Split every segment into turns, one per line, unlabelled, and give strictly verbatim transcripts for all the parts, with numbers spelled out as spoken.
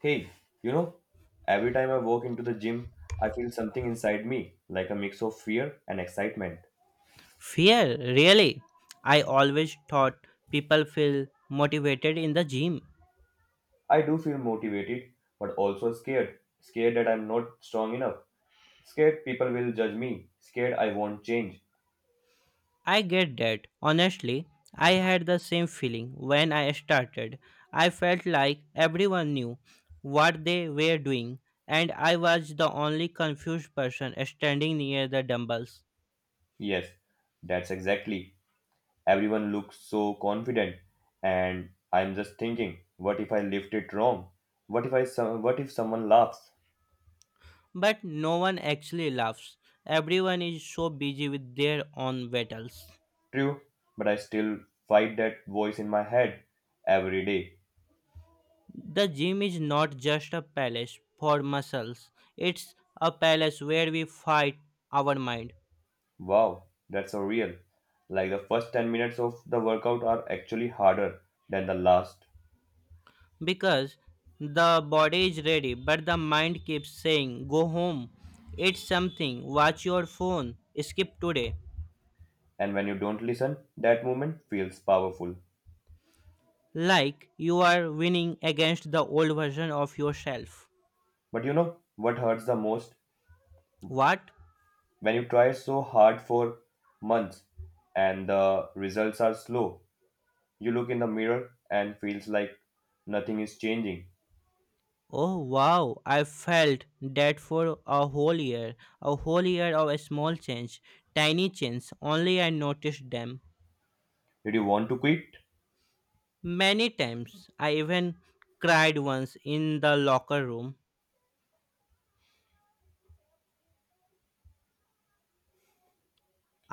Hey, you know, every time I walk into the gym, I feel something inside me, like a mix of fear and excitement.
Fear, really? I always thought people feel motivated in the gym.
I do feel motivated, but also scared. Scared that I'm not strong enough. Scared people will judge me. Scared I won't change.
I get that. Honestly, I had the same feeling when I started. I felt like everyone knew what they were doing, and I was the only confused person standing near the dumbbells.
Yes, that's exactly. Everyone looks so confident, and I'm just thinking, what if I lift it wrong? What if I some, what if someone laughs?
But no one actually laughs. Everyone is so busy with their own battles.
True, but I still fight that voice in my head every day.
The gym is not just a palace for muscles, it's a palace where we fight our mind.
Wow, that's so real. Like the first ten minutes of the workout are actually harder than the last.
Because the body is ready, but the mind keeps saying, go home, eat something, watch your phone, skip today.
And when you don't listen, that moment feels powerful.
Like you are winning against the old version of yourself.
But you know what hurts the most?
What?
When you try so hard for months and the results are slow, you look in the mirror and feels like nothing is changing.
Oh wow, I felt that for a whole year, a whole year of a small change, tiny change, only I noticed them.
Did you want to quit?
Many times. I even cried once in the locker room.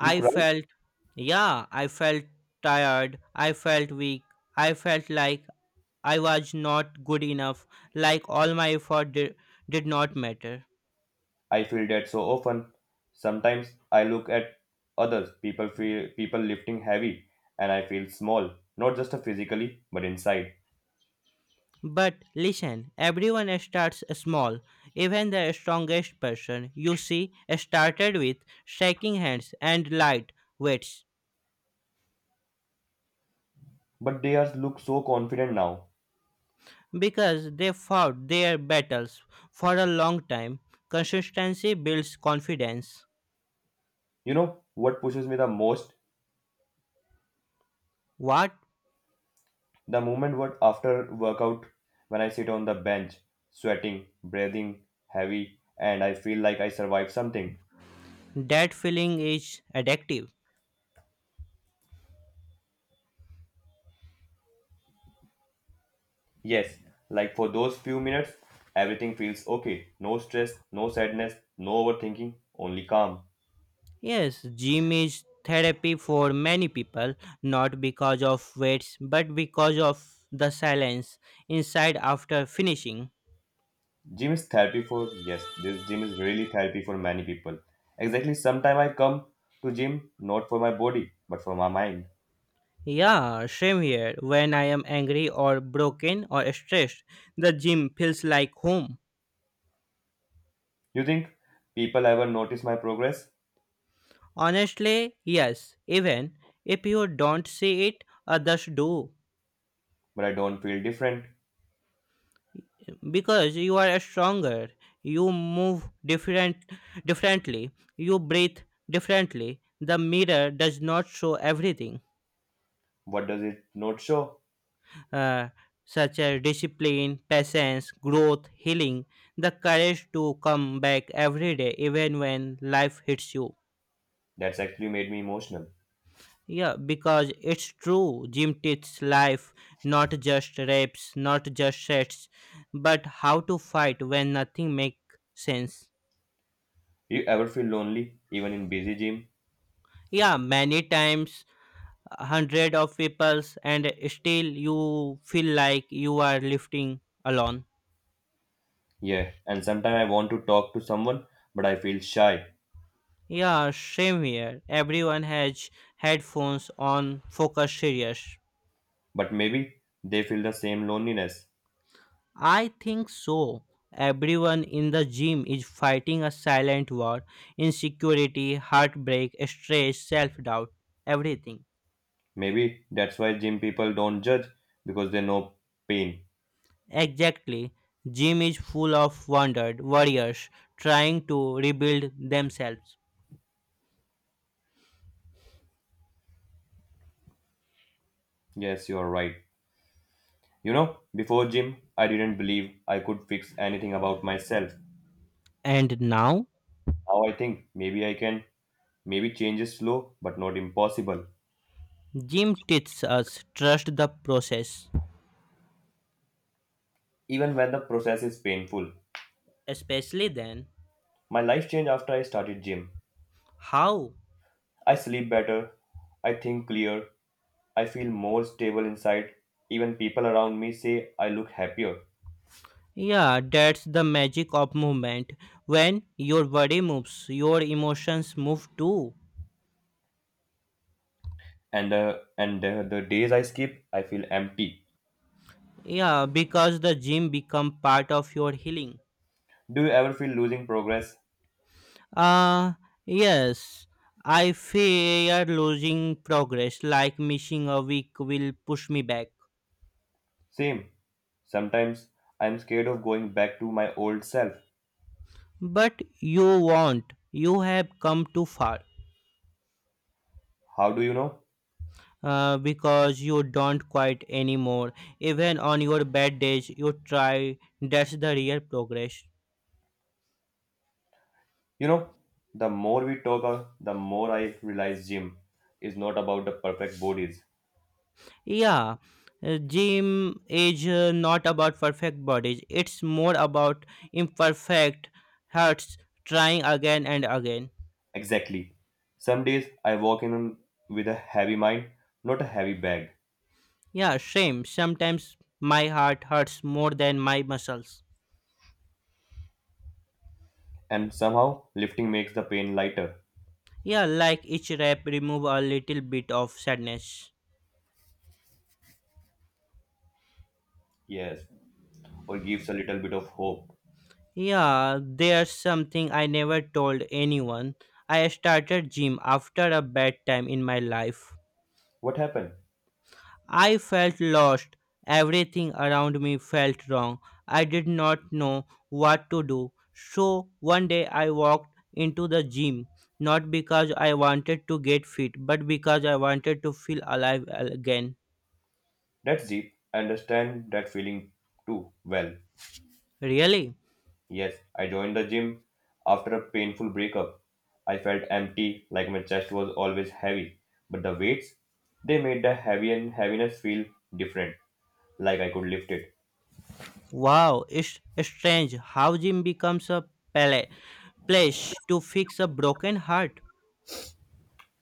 You cry,
felt, yeah, I felt tired. I felt weak. I felt like I was not good enough, like all my effort did, did not matter.
I feel that so often. Sometimes I look at others, people feel people lifting heavy, and I feel small, not just physically, but inside.
But listen, everyone starts small. Even the strongest person you see started with shaking hands and light weights.
But they are look so confident now.
Because they fought their battles for a long time. Consistency builds confidence.
You know what pushes me the most?
What?
The moment what after workout when I sit on the bench, sweating, breathing heavy, and I feel like I survived something.
That feeling is addictive.
Yes, like for those few minutes, everything feels okay. No stress, no sadness, no overthinking, only calm.
Yes, gym is therapy for many people, not because of weights, but because of the silence inside after finishing.
Gym is therapy for yes, this gym is really therapy for many people. Exactly, sometime I come to gym not for my body but for my mind.
Yeah, same here. When I am angry or broken or stressed, the gym feels like home.
You think people ever notice my progress,
Honestly, yes, even if you don't see it, others do.
but I don't feel different.
Because you are stronger, you move different differently, you breathe differently. The mirror does not show everything,
What does it not show?
uh, such as discipline, patience, growth, healing, the courage to come back every day, even when life hits you.
That's actually made me emotional.
Yeah, because it's true. Gym teaches life, not just reps, not just sets, but how to fight when nothing makes sense.
You ever feel lonely even in busy gym?
Yeah, many times hundred of peoples and still you feel like you are lifting alone.
Yeah, and sometimes I want to talk to someone but I feel shy.
Yeah, same here. Everyone has headphones on, focus serious.
But maybe they feel the same loneliness.
I think so. Everyone in the gym is fighting a silent war, insecurity, heartbreak, stress, self doubt, everything.
Maybe that's why gym people don't judge because they know pain.
Exactly. Gym is full of wounded warriors trying to rebuild themselves.
Yes, you're right. You know, before gym, I didn't believe I could fix anything about myself.
And now,
Now I think maybe I can. Maybe change is slow, but not impossible.
gym teaches us trust the process.
Even when the process is painful.
Especially then,
My life changed after I started gym.
how?
I sleep better. I think clear. I feel more stable inside. Even people around me say I look happier.
Yeah, that's the magic of movement. When your body moves, your emotions move too.
And uh, and the, the days I skip, I feel empty.
Yeah, because the gym become part of your healing.
Do you ever feel losing progress?
Uh yes. I fear losing progress, like missing a week will push me back.
Same. Sometimes I'm scared of going back to my old self.
But you won't. You have come too far.
How do you know?
Uh, because you don't quite anymore. Even on your bad days, you try. That's the real progress.
You know, the more we talk, uh, the more I realize gym is not about the perfect bodies.
Yeah, uh, gym is uh, not about perfect bodies. It's more about imperfect hearts trying again and again.
Exactly. Some days I walk in with a heavy mind, not a heavy bag.
Yeah, same. Sometimes my heart hurts more than my muscles.
And somehow lifting makes the pain lighter.
Yeah, like each rep remove a little bit of sadness.
Yes. Or gives a little bit of hope.
Yeah, there's something I never told anyone. I started gym after a bad time in my life.
What happened?
I felt lost. Everything around me felt wrong. I did not know what to do. So one day I walked into the gym, not because I wanted to get fit, but because I wanted to feel alive again.
That's deep. I understand that feeling too well.
Really?
Yes, I joined the gym after a painful breakup. I felt empty, like my chest was always heavy. But the weights, they made the heavy and heaviness feel different, like I could lift it.
Wow, it's strange how gym becomes a pala- place to fix a broken heart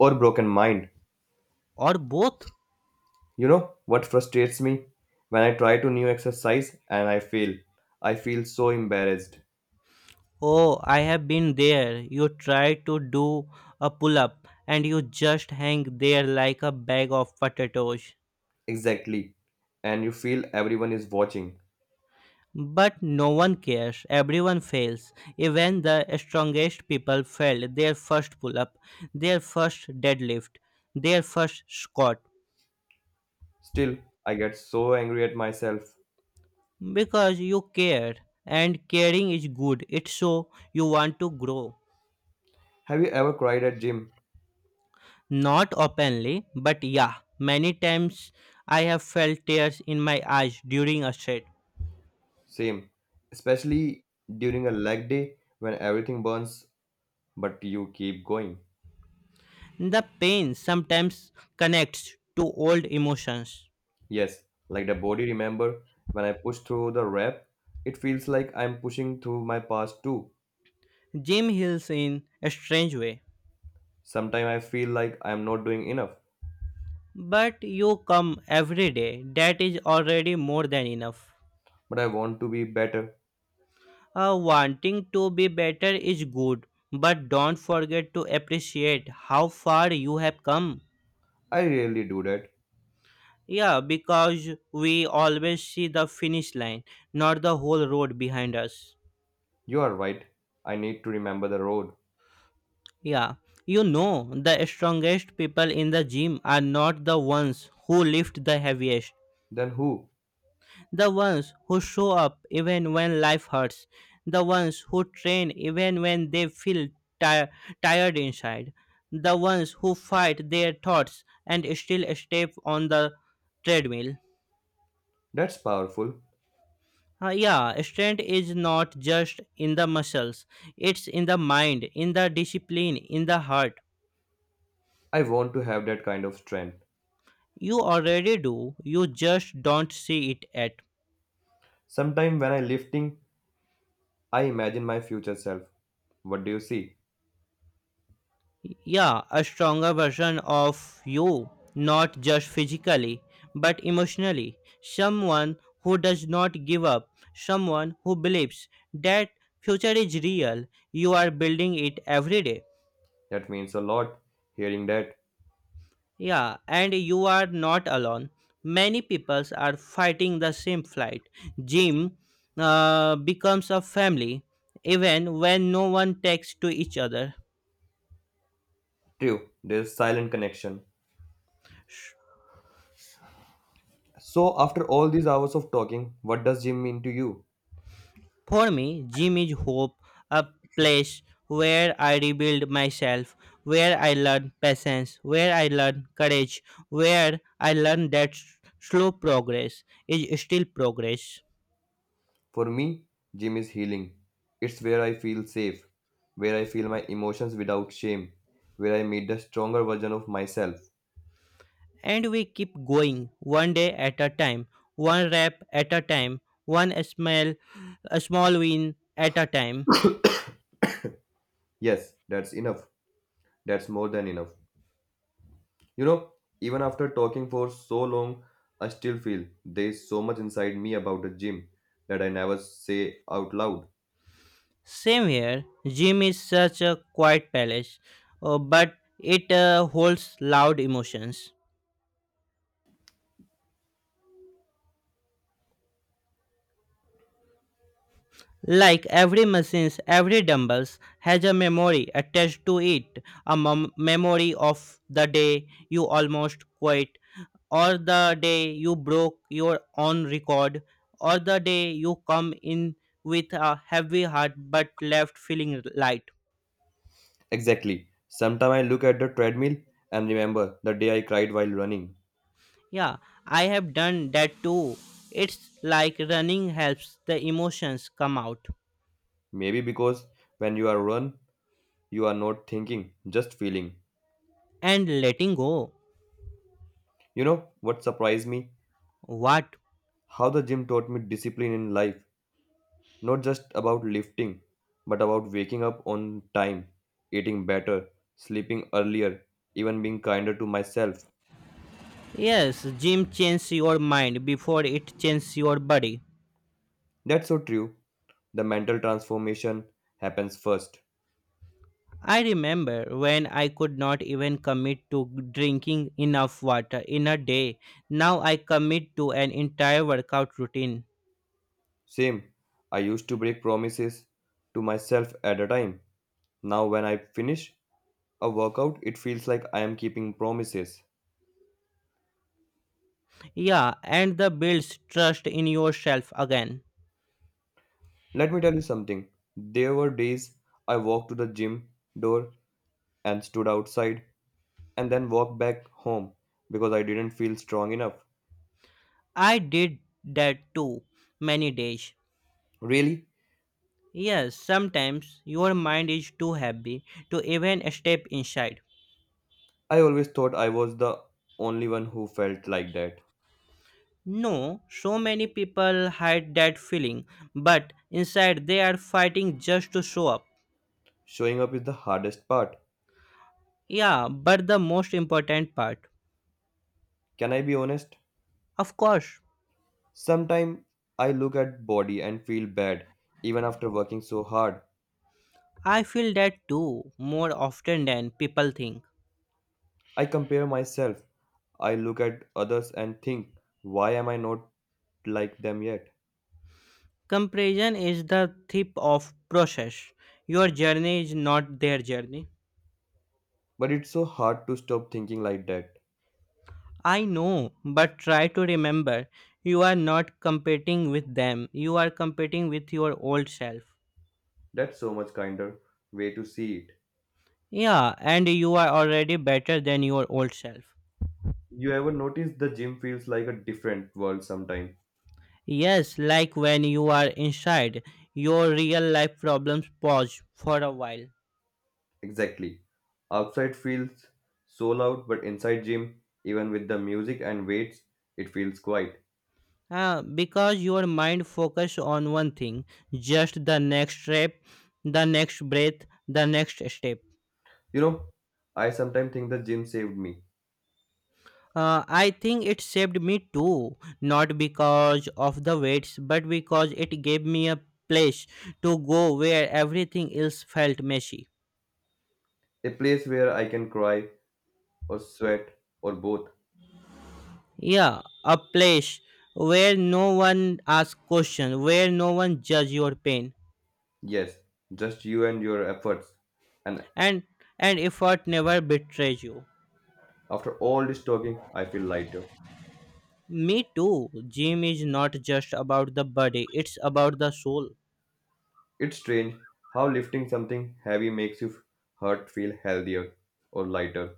Or broken mind.
or both.
You know what frustrates me? When I try to new exercise and I fail, I feel so embarrassed.
Oh, I have been there. You try to do a pull up and you just hang there like a bag of potatoes.
Exactly. And you feel everyone is watching.
But no one cares. Everyone fails. Even the strongest people fail their first pull up, their first deadlift, their first squat.
Still, I get so angry at myself.
Because you care. And caring is good. It's so you want to grow.
Have you ever cried at gym?
Not openly, but yeah, many times I have felt tears in my eyes during a set.
Same, especially during a leg day when everything burns, but you keep going.
The pain sometimes connects to old emotions.
Yes, like the body remember, when I push through the rep, it feels like I'm pushing through my past too.
Jim heals in a strange way.
Sometimes I feel like I'm not doing enough,
But you come every day, that is already more than enough.
but I want to be better.
Uh, wanting to be better is good, but don't forget to appreciate how far you have come.
I rarely do that.
Yeah, because we always see the finish line, not the whole road behind us.
You are right. I need to remember the road.
Yeah, you know, the strongest people in the gym are not the ones who lift the heaviest,
Then who?
the ones who show up even when life hurts, the ones who train even when they feel ti- tired inside, the ones who fight their thoughts and still step on the treadmill.
That's powerful.
Uh, yeah, strength is not just in the muscles, it's in the mind, in the discipline, in the heart.
I want to have that kind of strength.
You already do, you just don't see it yet.
Sometimes when I lifting, I imagine my future self. What do you see?
Yeah, a stronger version of you, not just physically, but emotionally. Someone who does not give up, someone who believes that future is real. You are building it every day.
That means a lot. Hearing that,
Yeah, and you are not alone. Many peoples are fighting the same fight. Gym uh, becomes a family, even when no one takes to each other.
true, there's silent connection. So, after all these hours of talking, what does gym mean to you?
For me, gym is hope, a place where I rebuild myself, where I learn patience, where I learn courage, where I learn that s- slow progress is still progress.
For me, gym is healing. It's where I feel safe, where I feel my emotions without shame, where I meet the stronger version of myself.
And we keep going one day at a time, one rep at a time, one small, a small win at a time.
Yes, that's enough. That's more than enough. You know, even after talking for so long, I still feel there's so much inside me about the gym that I never say out loud.
Same here, gym is such a quiet palace, uh, but it uh, holds loud emotions. Like every machines, every dumbbells has a memory attached to it, a mem- memory of the day you almost quit, or the day you broke your own record, or the day you come in with a heavy heart but left feeling light.
Exactly. Sometimes I look at the treadmill and remember the day I cried while running.
Yeah, I have done that too. It's like running helps the emotions come out
Maybe because when you are run, you are not thinking, just feeling.
and letting go.
You know what surprised me?
What?
How the gym taught me discipline in life, not just about lifting, but about waking up on time, eating better, sleeping earlier, even being kinder to myself.
Yes, gym changes your mind before it changes your body.
That's so true. The mental transformation happens first.
I remember when I could not even commit to drinking enough water in a day. Now I commit to an entire workout routine.
Same, I used to break promises to myself at a time. Now, when I finish a workout, it feels like I am keeping promises.
Yeah, and the builds trust in yourself again.
Let me tell you something. There were days I walked to the gym door and stood outside and then walked back home because I didn't feel strong enough.
I did that too many days.
Really?
Yes, sometimes your mind is too heavy to even step inside.
I always thought I was the only one who felt like that.
No, so many people hide that feeling, but inside they are fighting just to show up.
Showing up is the hardest part.
Yeah, but the most important part.
Can I be honest?
Of course,
Sometimes I look at body and feel bad even after working so hard.
I feel that too more often than people think.
I compare myself. I look at others and think, why am I not like them yet?
Comparison is the tip of process. Your journey is not their journey.
But it's so hard to stop thinking like that.
I know, but try to remember you are not competing with them. You are competing with your old self.
That's so much kinder way to see it.
Yeah, and you are already better than your old self.
You ever notice the gym feels like a different world sometimes?
Yes, like when you are inside, your real life problems pause for a while.
Exactly. Outside feels so loud, but inside gym, even with the music and weights, it feels quiet.
Ah, because your mind focus on one thing, just the next step, the next breath, the next step.
You know, I sometimes think the gym saved me.
Uh, I think it saved me too, not because of the weights, but because it gave me a place to go where everything else felt messy.
A place where I can cry or sweat or both.
Yeah, a place where no one asks questions, where no one judge your pain.
Yes, just you and your efforts. And
And and effort never betrays you.
after all this talking, I feel lighter.
Me too, gym is not just about the body, it's about the soul.
It's strange how lifting something heavy makes your heart feel healthier or lighter.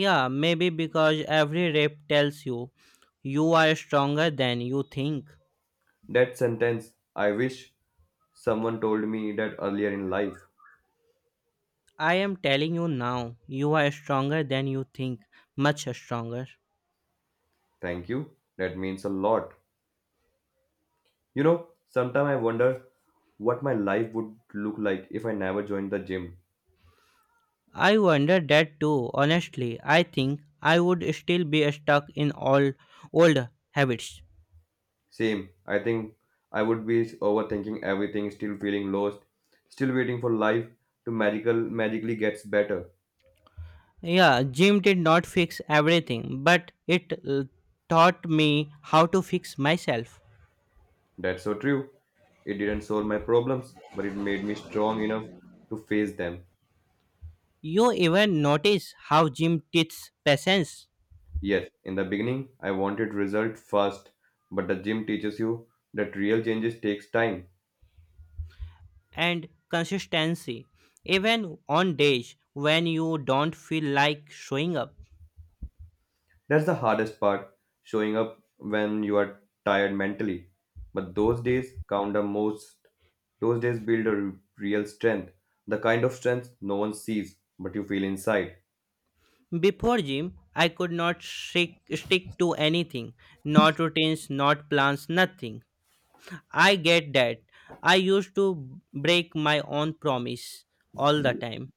Yeah, maybe because every rep tells you you are stronger than you think.
That sentence, I wish someone told me that earlier in life.
I am telling you now, you are stronger than you think, much stronger.
Thank you. That means a lot. You know, sometimes I wonder what my life would look like if I never joined the gym.
I wonder that too, honestly I think I would still be stuck in all old habits.
Same. I think I would be overthinking everything, still feeling lost, still waiting for life to magical magically gets better.
Yeah, gym did not fix everything, but it uh, taught me how to fix myself.
That's so true. It didn't solve my problems, but it made me strong enough to face them.
You even notice how gym teaches patience
Yes, in the beginning, I wanted result first, but the gym teaches you that real changes takes time.
and consistency, even on days when you don't feel like showing up.
That's the hardest part, showing up when you are tired mentally. But those days count the most. Those days build a r- real strength, the kind of strength no one sees, but you feel inside.
Before gym, I could not stick, stick to anything, not routines, not plans, nothing. I get that. I used to break my own promise all the time.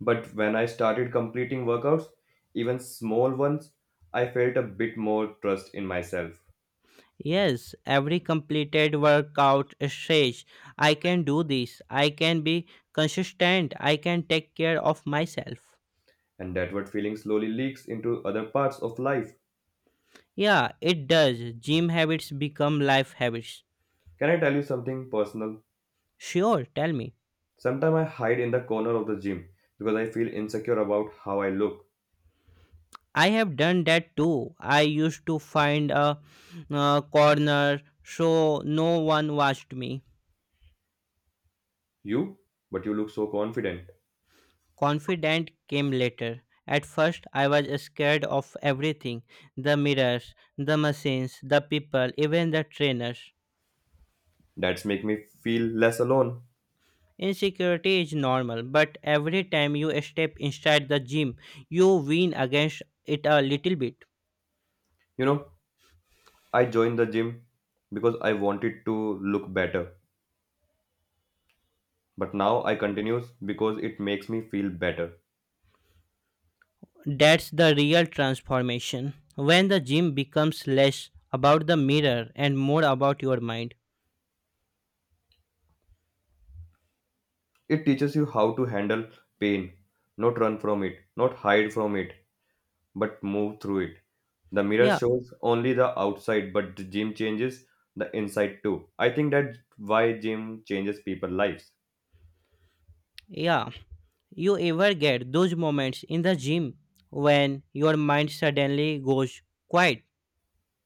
But when I started completing workouts, even small ones, I felt a bit more trust in myself.
Yes, every completed workout says, I can do this, I can be consistent, I can take care of myself.
And that what feeling slowly leaks into other parts of life.
Yeah, it does. Gym habits become life habits.
Can I tell you something personal?
Sure, tell me.
Sometimes I hide in the corner of the gym because I feel insecure about how I look.
I have done that too. I used to find a uh, corner so no one watched me.
You? But you look so confident.
Confident came later. At first, I was scared of everything, the mirrors, the machines, the people, even the trainers.
That's make me feel less alone.
Insecurity is normal, but every time you step inside the gym, you win against it a little bit.
You know, I joined the gym because I wanted to look better. But now I continues because it makes me feel better.
That's the real transformation. When the gym becomes less about the mirror and more about your mind.
It teaches you how to handle pain, not run from it, not hide from it, but move through it. The mirror
Yeah,
shows only the outside, but the gym changes the inside too. I think that's why gym changes people's lives.
yeah. You ever get those moments in the gym when your mind suddenly goes quiet?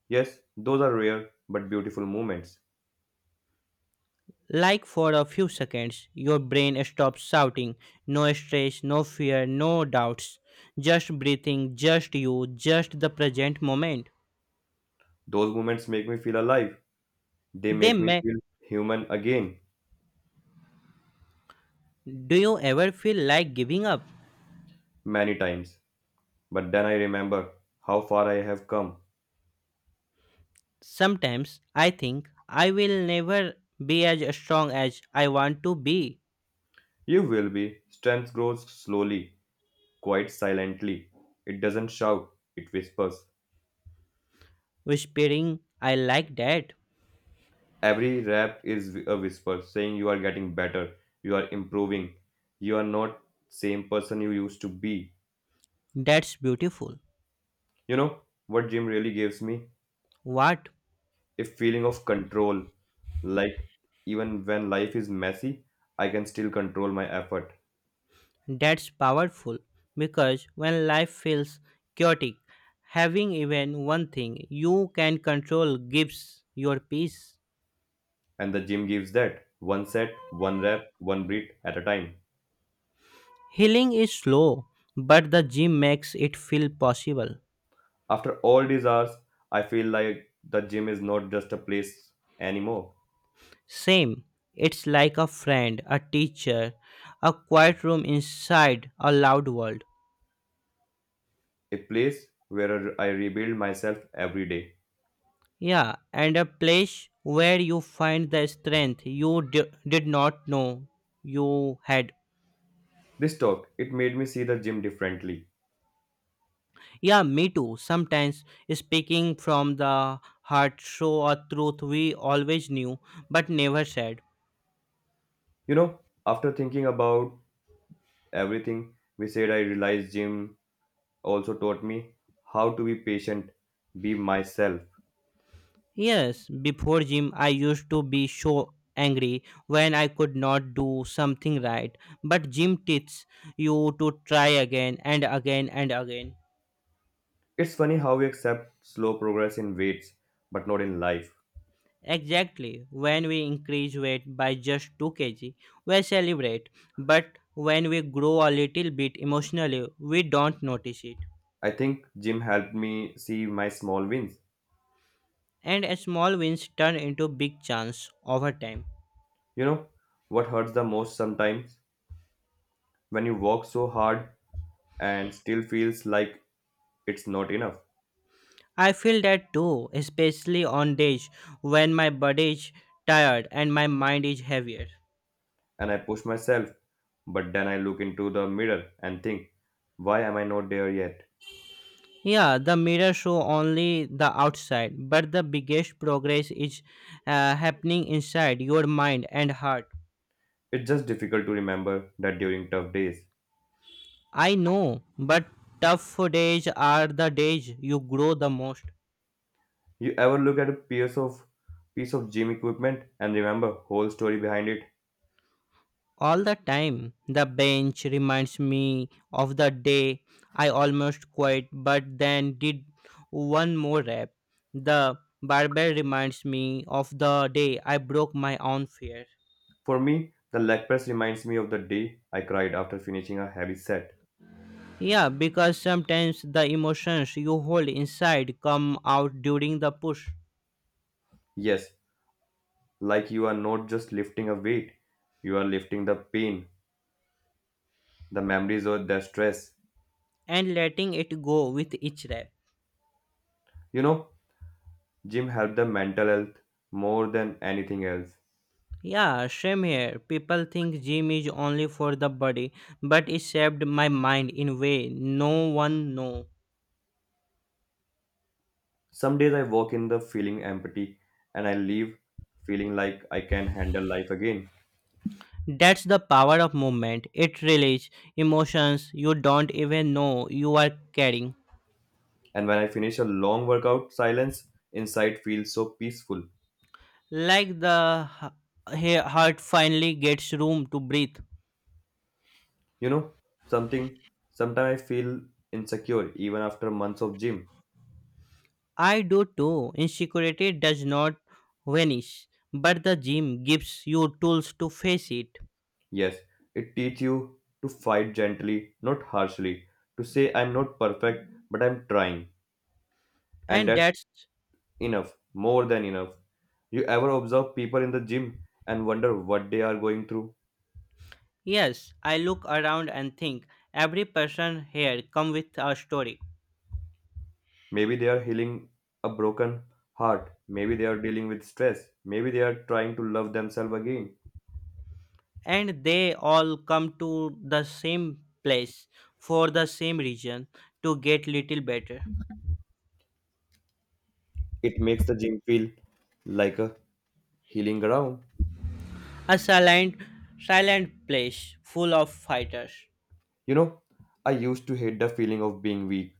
Yes, those are rare but beautiful moments.
Like for a few seconds, your brain stops shouting. No stress, no fear, no doubts. Just breathing, just you, just the present moment.
Those moments make me feel alive. They
They
make me
may.
feel human again
Do you ever feel like giving up?
many times. But then I remember how far I have come.
Sometimes I think I will never be as strong as I want to be.
You will be. Strength grows slowly, quite silently. It doesn't shout, it whispers.
Whispering, I like that.
Every rap is a whisper saying you are getting better, you are improving, you are not same person you used to be.
That's beautiful.
You know what gym really gives me?
What?
A feeling of control. Like even when life is messy, I can still control my effort.
That's powerful because when life feels chaotic, having even one thing you can control gives your peace.
And the gym gives that one set, one rep, one breath at a time.
Healing is slow, but the gym makes it feel possible.
After all these hours, I feel like the gym is not just a place anymore.
Same, it's like a friend, a teacher, a quiet room inside a loud world.
A place where I rebuild myself every day.
Yeah, and a place where you find the strength you di- did not know you had.
This talk, it made me see the gym differently.
Yeah, me too. Sometimes speaking from the heart show a truth we always knew but never said.
You know, after thinking about everything we said, I realized gym also taught me how to be patient, be myself.
Yes, before gym I used to be so angry when I could not do something right. But gym teaches you to try again and again and again.
It's funny how we accept slow progress in weights, but not in life.
Exactly. When we increase weight by just two kilograms, we celebrate. But when we grow a little bit emotionally, we don't notice it.
I think gym helped me see my small wins.
And small wins turn into big chance over time.
You know, what hurts the most sometimes when you work so hard and still feels like it's not enough.
I feel that too, especially on days when my body is tired and my mind is heavier.
And I push myself. But then I look into the mirror and think, why am I not there yet?
Yeah, the mirror show only the outside, but the biggest progress is uh, happening inside your mind and heart.
It's just difficult to remember that during tough days.
I know, but tough days are the days you grow the most.
You ever look at a piece of piece of gym equipment and remember whole story behind it?
All the time, the bench reminds me of the day I almost quit but then did one more rep. The barbell reminds me of the day I broke my own fear.
For me, the leg press reminds me of the day I cried after finishing a heavy set.
Yeah, because sometimes the emotions you hold inside come out during the push
Yes, like you are not just lifting a weight, you are lifting the pain, the memories or the stress.
and letting it go with each rep.
You know, gym helped the mental health more than anything else.
Yeah, same here. People think gym is only for the body, but it shaped my mind in way no one knows.
Some days I walk in the feeling empty and I leave feeling like I can handle life again.
That's the power of movement. It releases emotions you don't even know you are carrying.
And when I finish a long workout, silence inside feels so peaceful.
Like the h- he- heart finally gets room to breathe.
You know, something sometimes I feel insecure even after months of gym.
I do too. Insecurity does not vanish, but the gym gives you tools to face it.
Yes, it teach you to fight gently, not harshly, to say I'm not perfect, but I'm trying. And
And
that's
that's
enough, more than enough. You ever observe people in the gym and wonder what they are going through?
Yes, I look around and think every person here come with a story.
Maybe they are healing a broken heart. Maybe they are dealing with stress. Maybe they are trying to love themselves again.
And they all come to the same place for the same reason to get little better.
It makes the gym feel like a healing ground.
A silent silent place full of fighters.
You know, I used to hate the feeling of being weak,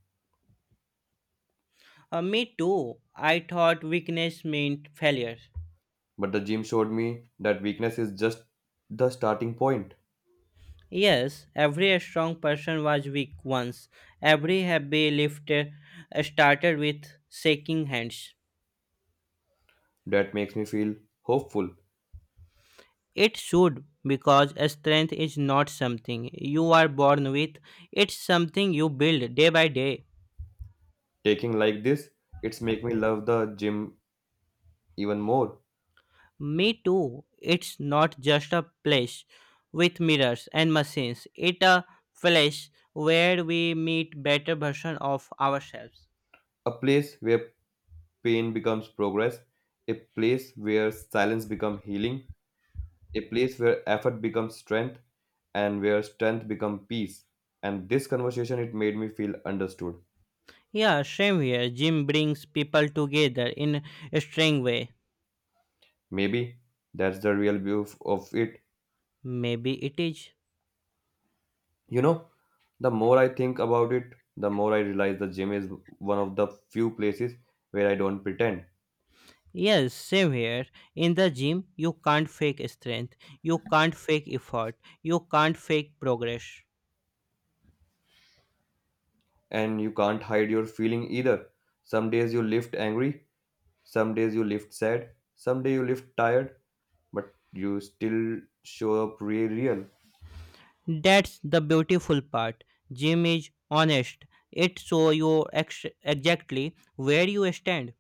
Uh, me too. I thought weakness meant failure.
but the gym showed me that weakness is just the starting point.
Yes, every strong person was weak once. Every heavy lifter started with shaking hands.
That makes me feel hopeful.
It should, because strength is not something you are born with. It's something you build day by day.
Taking like this, it's make me love the gym even more.
Me too. It's not just a place with mirrors and machines. It's a place where we meet better version of ourselves.
A place where pain becomes progress, a place where silence becomes healing, a place where effort becomes strength and where strength becomes peace. And this conversation, it made me feel understood.
Yeah, same here. Gym brings people together in a strange way.
Maybe that's the real view of of it.
Maybe it is.
You know, the more I think about it, the more I realize the gym is one of the few places where I don't pretend.
Yes, same here. In the gym, you can't fake strength. You can't fake effort. You can't fake progress.
And you can't hide your feeling either. Some days you lift angry, some days you lift sad, some day you lift tired, but you still show up re- real.
That's the beautiful part. Gym is honest. It show you ex- exactly where you stand.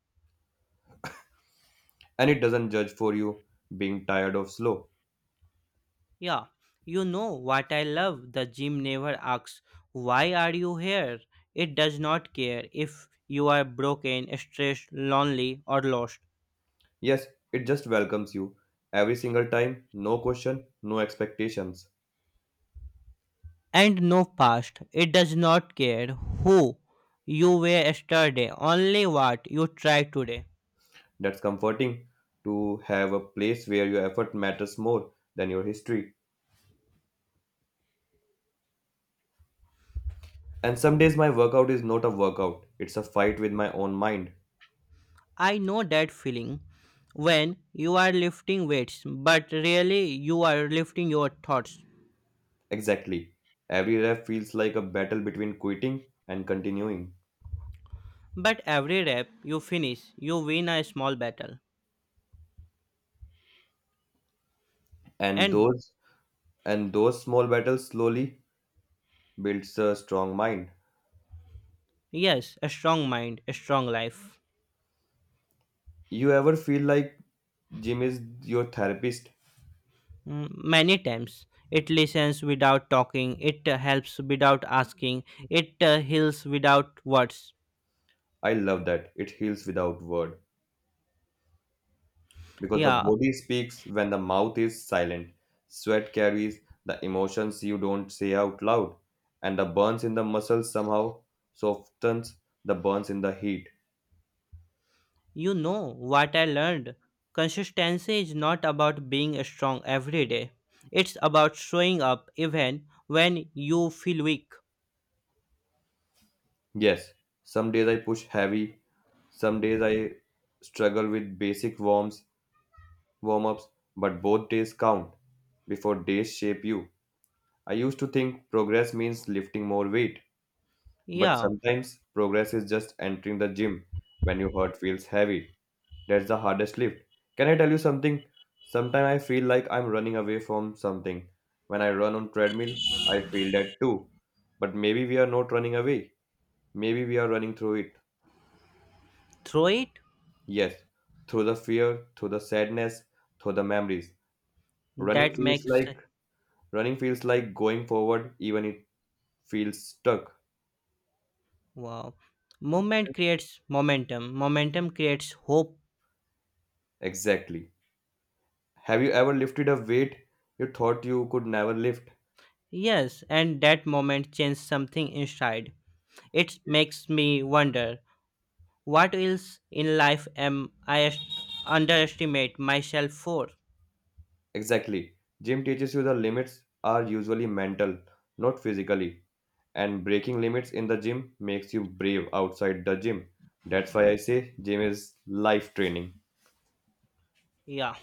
And it doesn't judge for you being tired of slow.
Yeah, you know what I love. The gym never asks, "Why are you here?" It does not care if you are broken, stressed, lonely, or lost.
Yes, it just welcomes you every single time, no question, no expectations.
And no past. It does not care who you were yesterday, only what you try today.
That's comforting to have a place where your effort matters more than your history. And some days my workout is not a workout, it's a fight with my own mind.
I know that feeling when you are lifting weights, but really you are lifting your thoughts.
Exactly. Every rep feels like a battle between quitting and continuing.
But every rep you finish, you win a small battle.
And
And
those and those small battles slowly builds a strong mind.
yes, a strong mind, a strong life.
You ever feel like gym is your therapist?
Mm, Many times it listens without talking, it uh, helps without asking, it uh, heals without words.
I love that. It heals without word because the
Yeah.
body speaks when the mouth is silent. Sweat carries the emotions you don't say out loud, and the burns in the muscles somehow softens the burns in the heat.
You know what I learned? Consistency is not about being strong every day. It's about showing up even when you feel weak.
Yes, some days I push heavy, some days I struggle with basic warms, warm ups, but both days count before days shape you. I used to think progress means lifting more weight, but
Yeah,
sometimes progress is just entering the gym when your heart feels heavy. That's the hardest lift. Can I tell you something? Sometimes I feel like I'm running away from something. When I run on treadmill, I feel that too. But maybe we are not running away. Maybe we are running through it.
throw it.
Yes, through the fear, through the sadness, through the memories. Running
That
feels
makes
like running feels like going forward even it feels stuck.
Wow. Movement creates momentum. Momentum creates hope.
Exactly. Have you ever lifted a weight you thought you could never lift?
Yes, and that moment changes something inside. It makes me wonder what else in life am I est- underestimate myself for?
Exactly. Gym teaches you the limits are usually mental, not physically. And breaking limits in the gym makes you brave outside the gym. That's why I say gym is life training.
Yeah.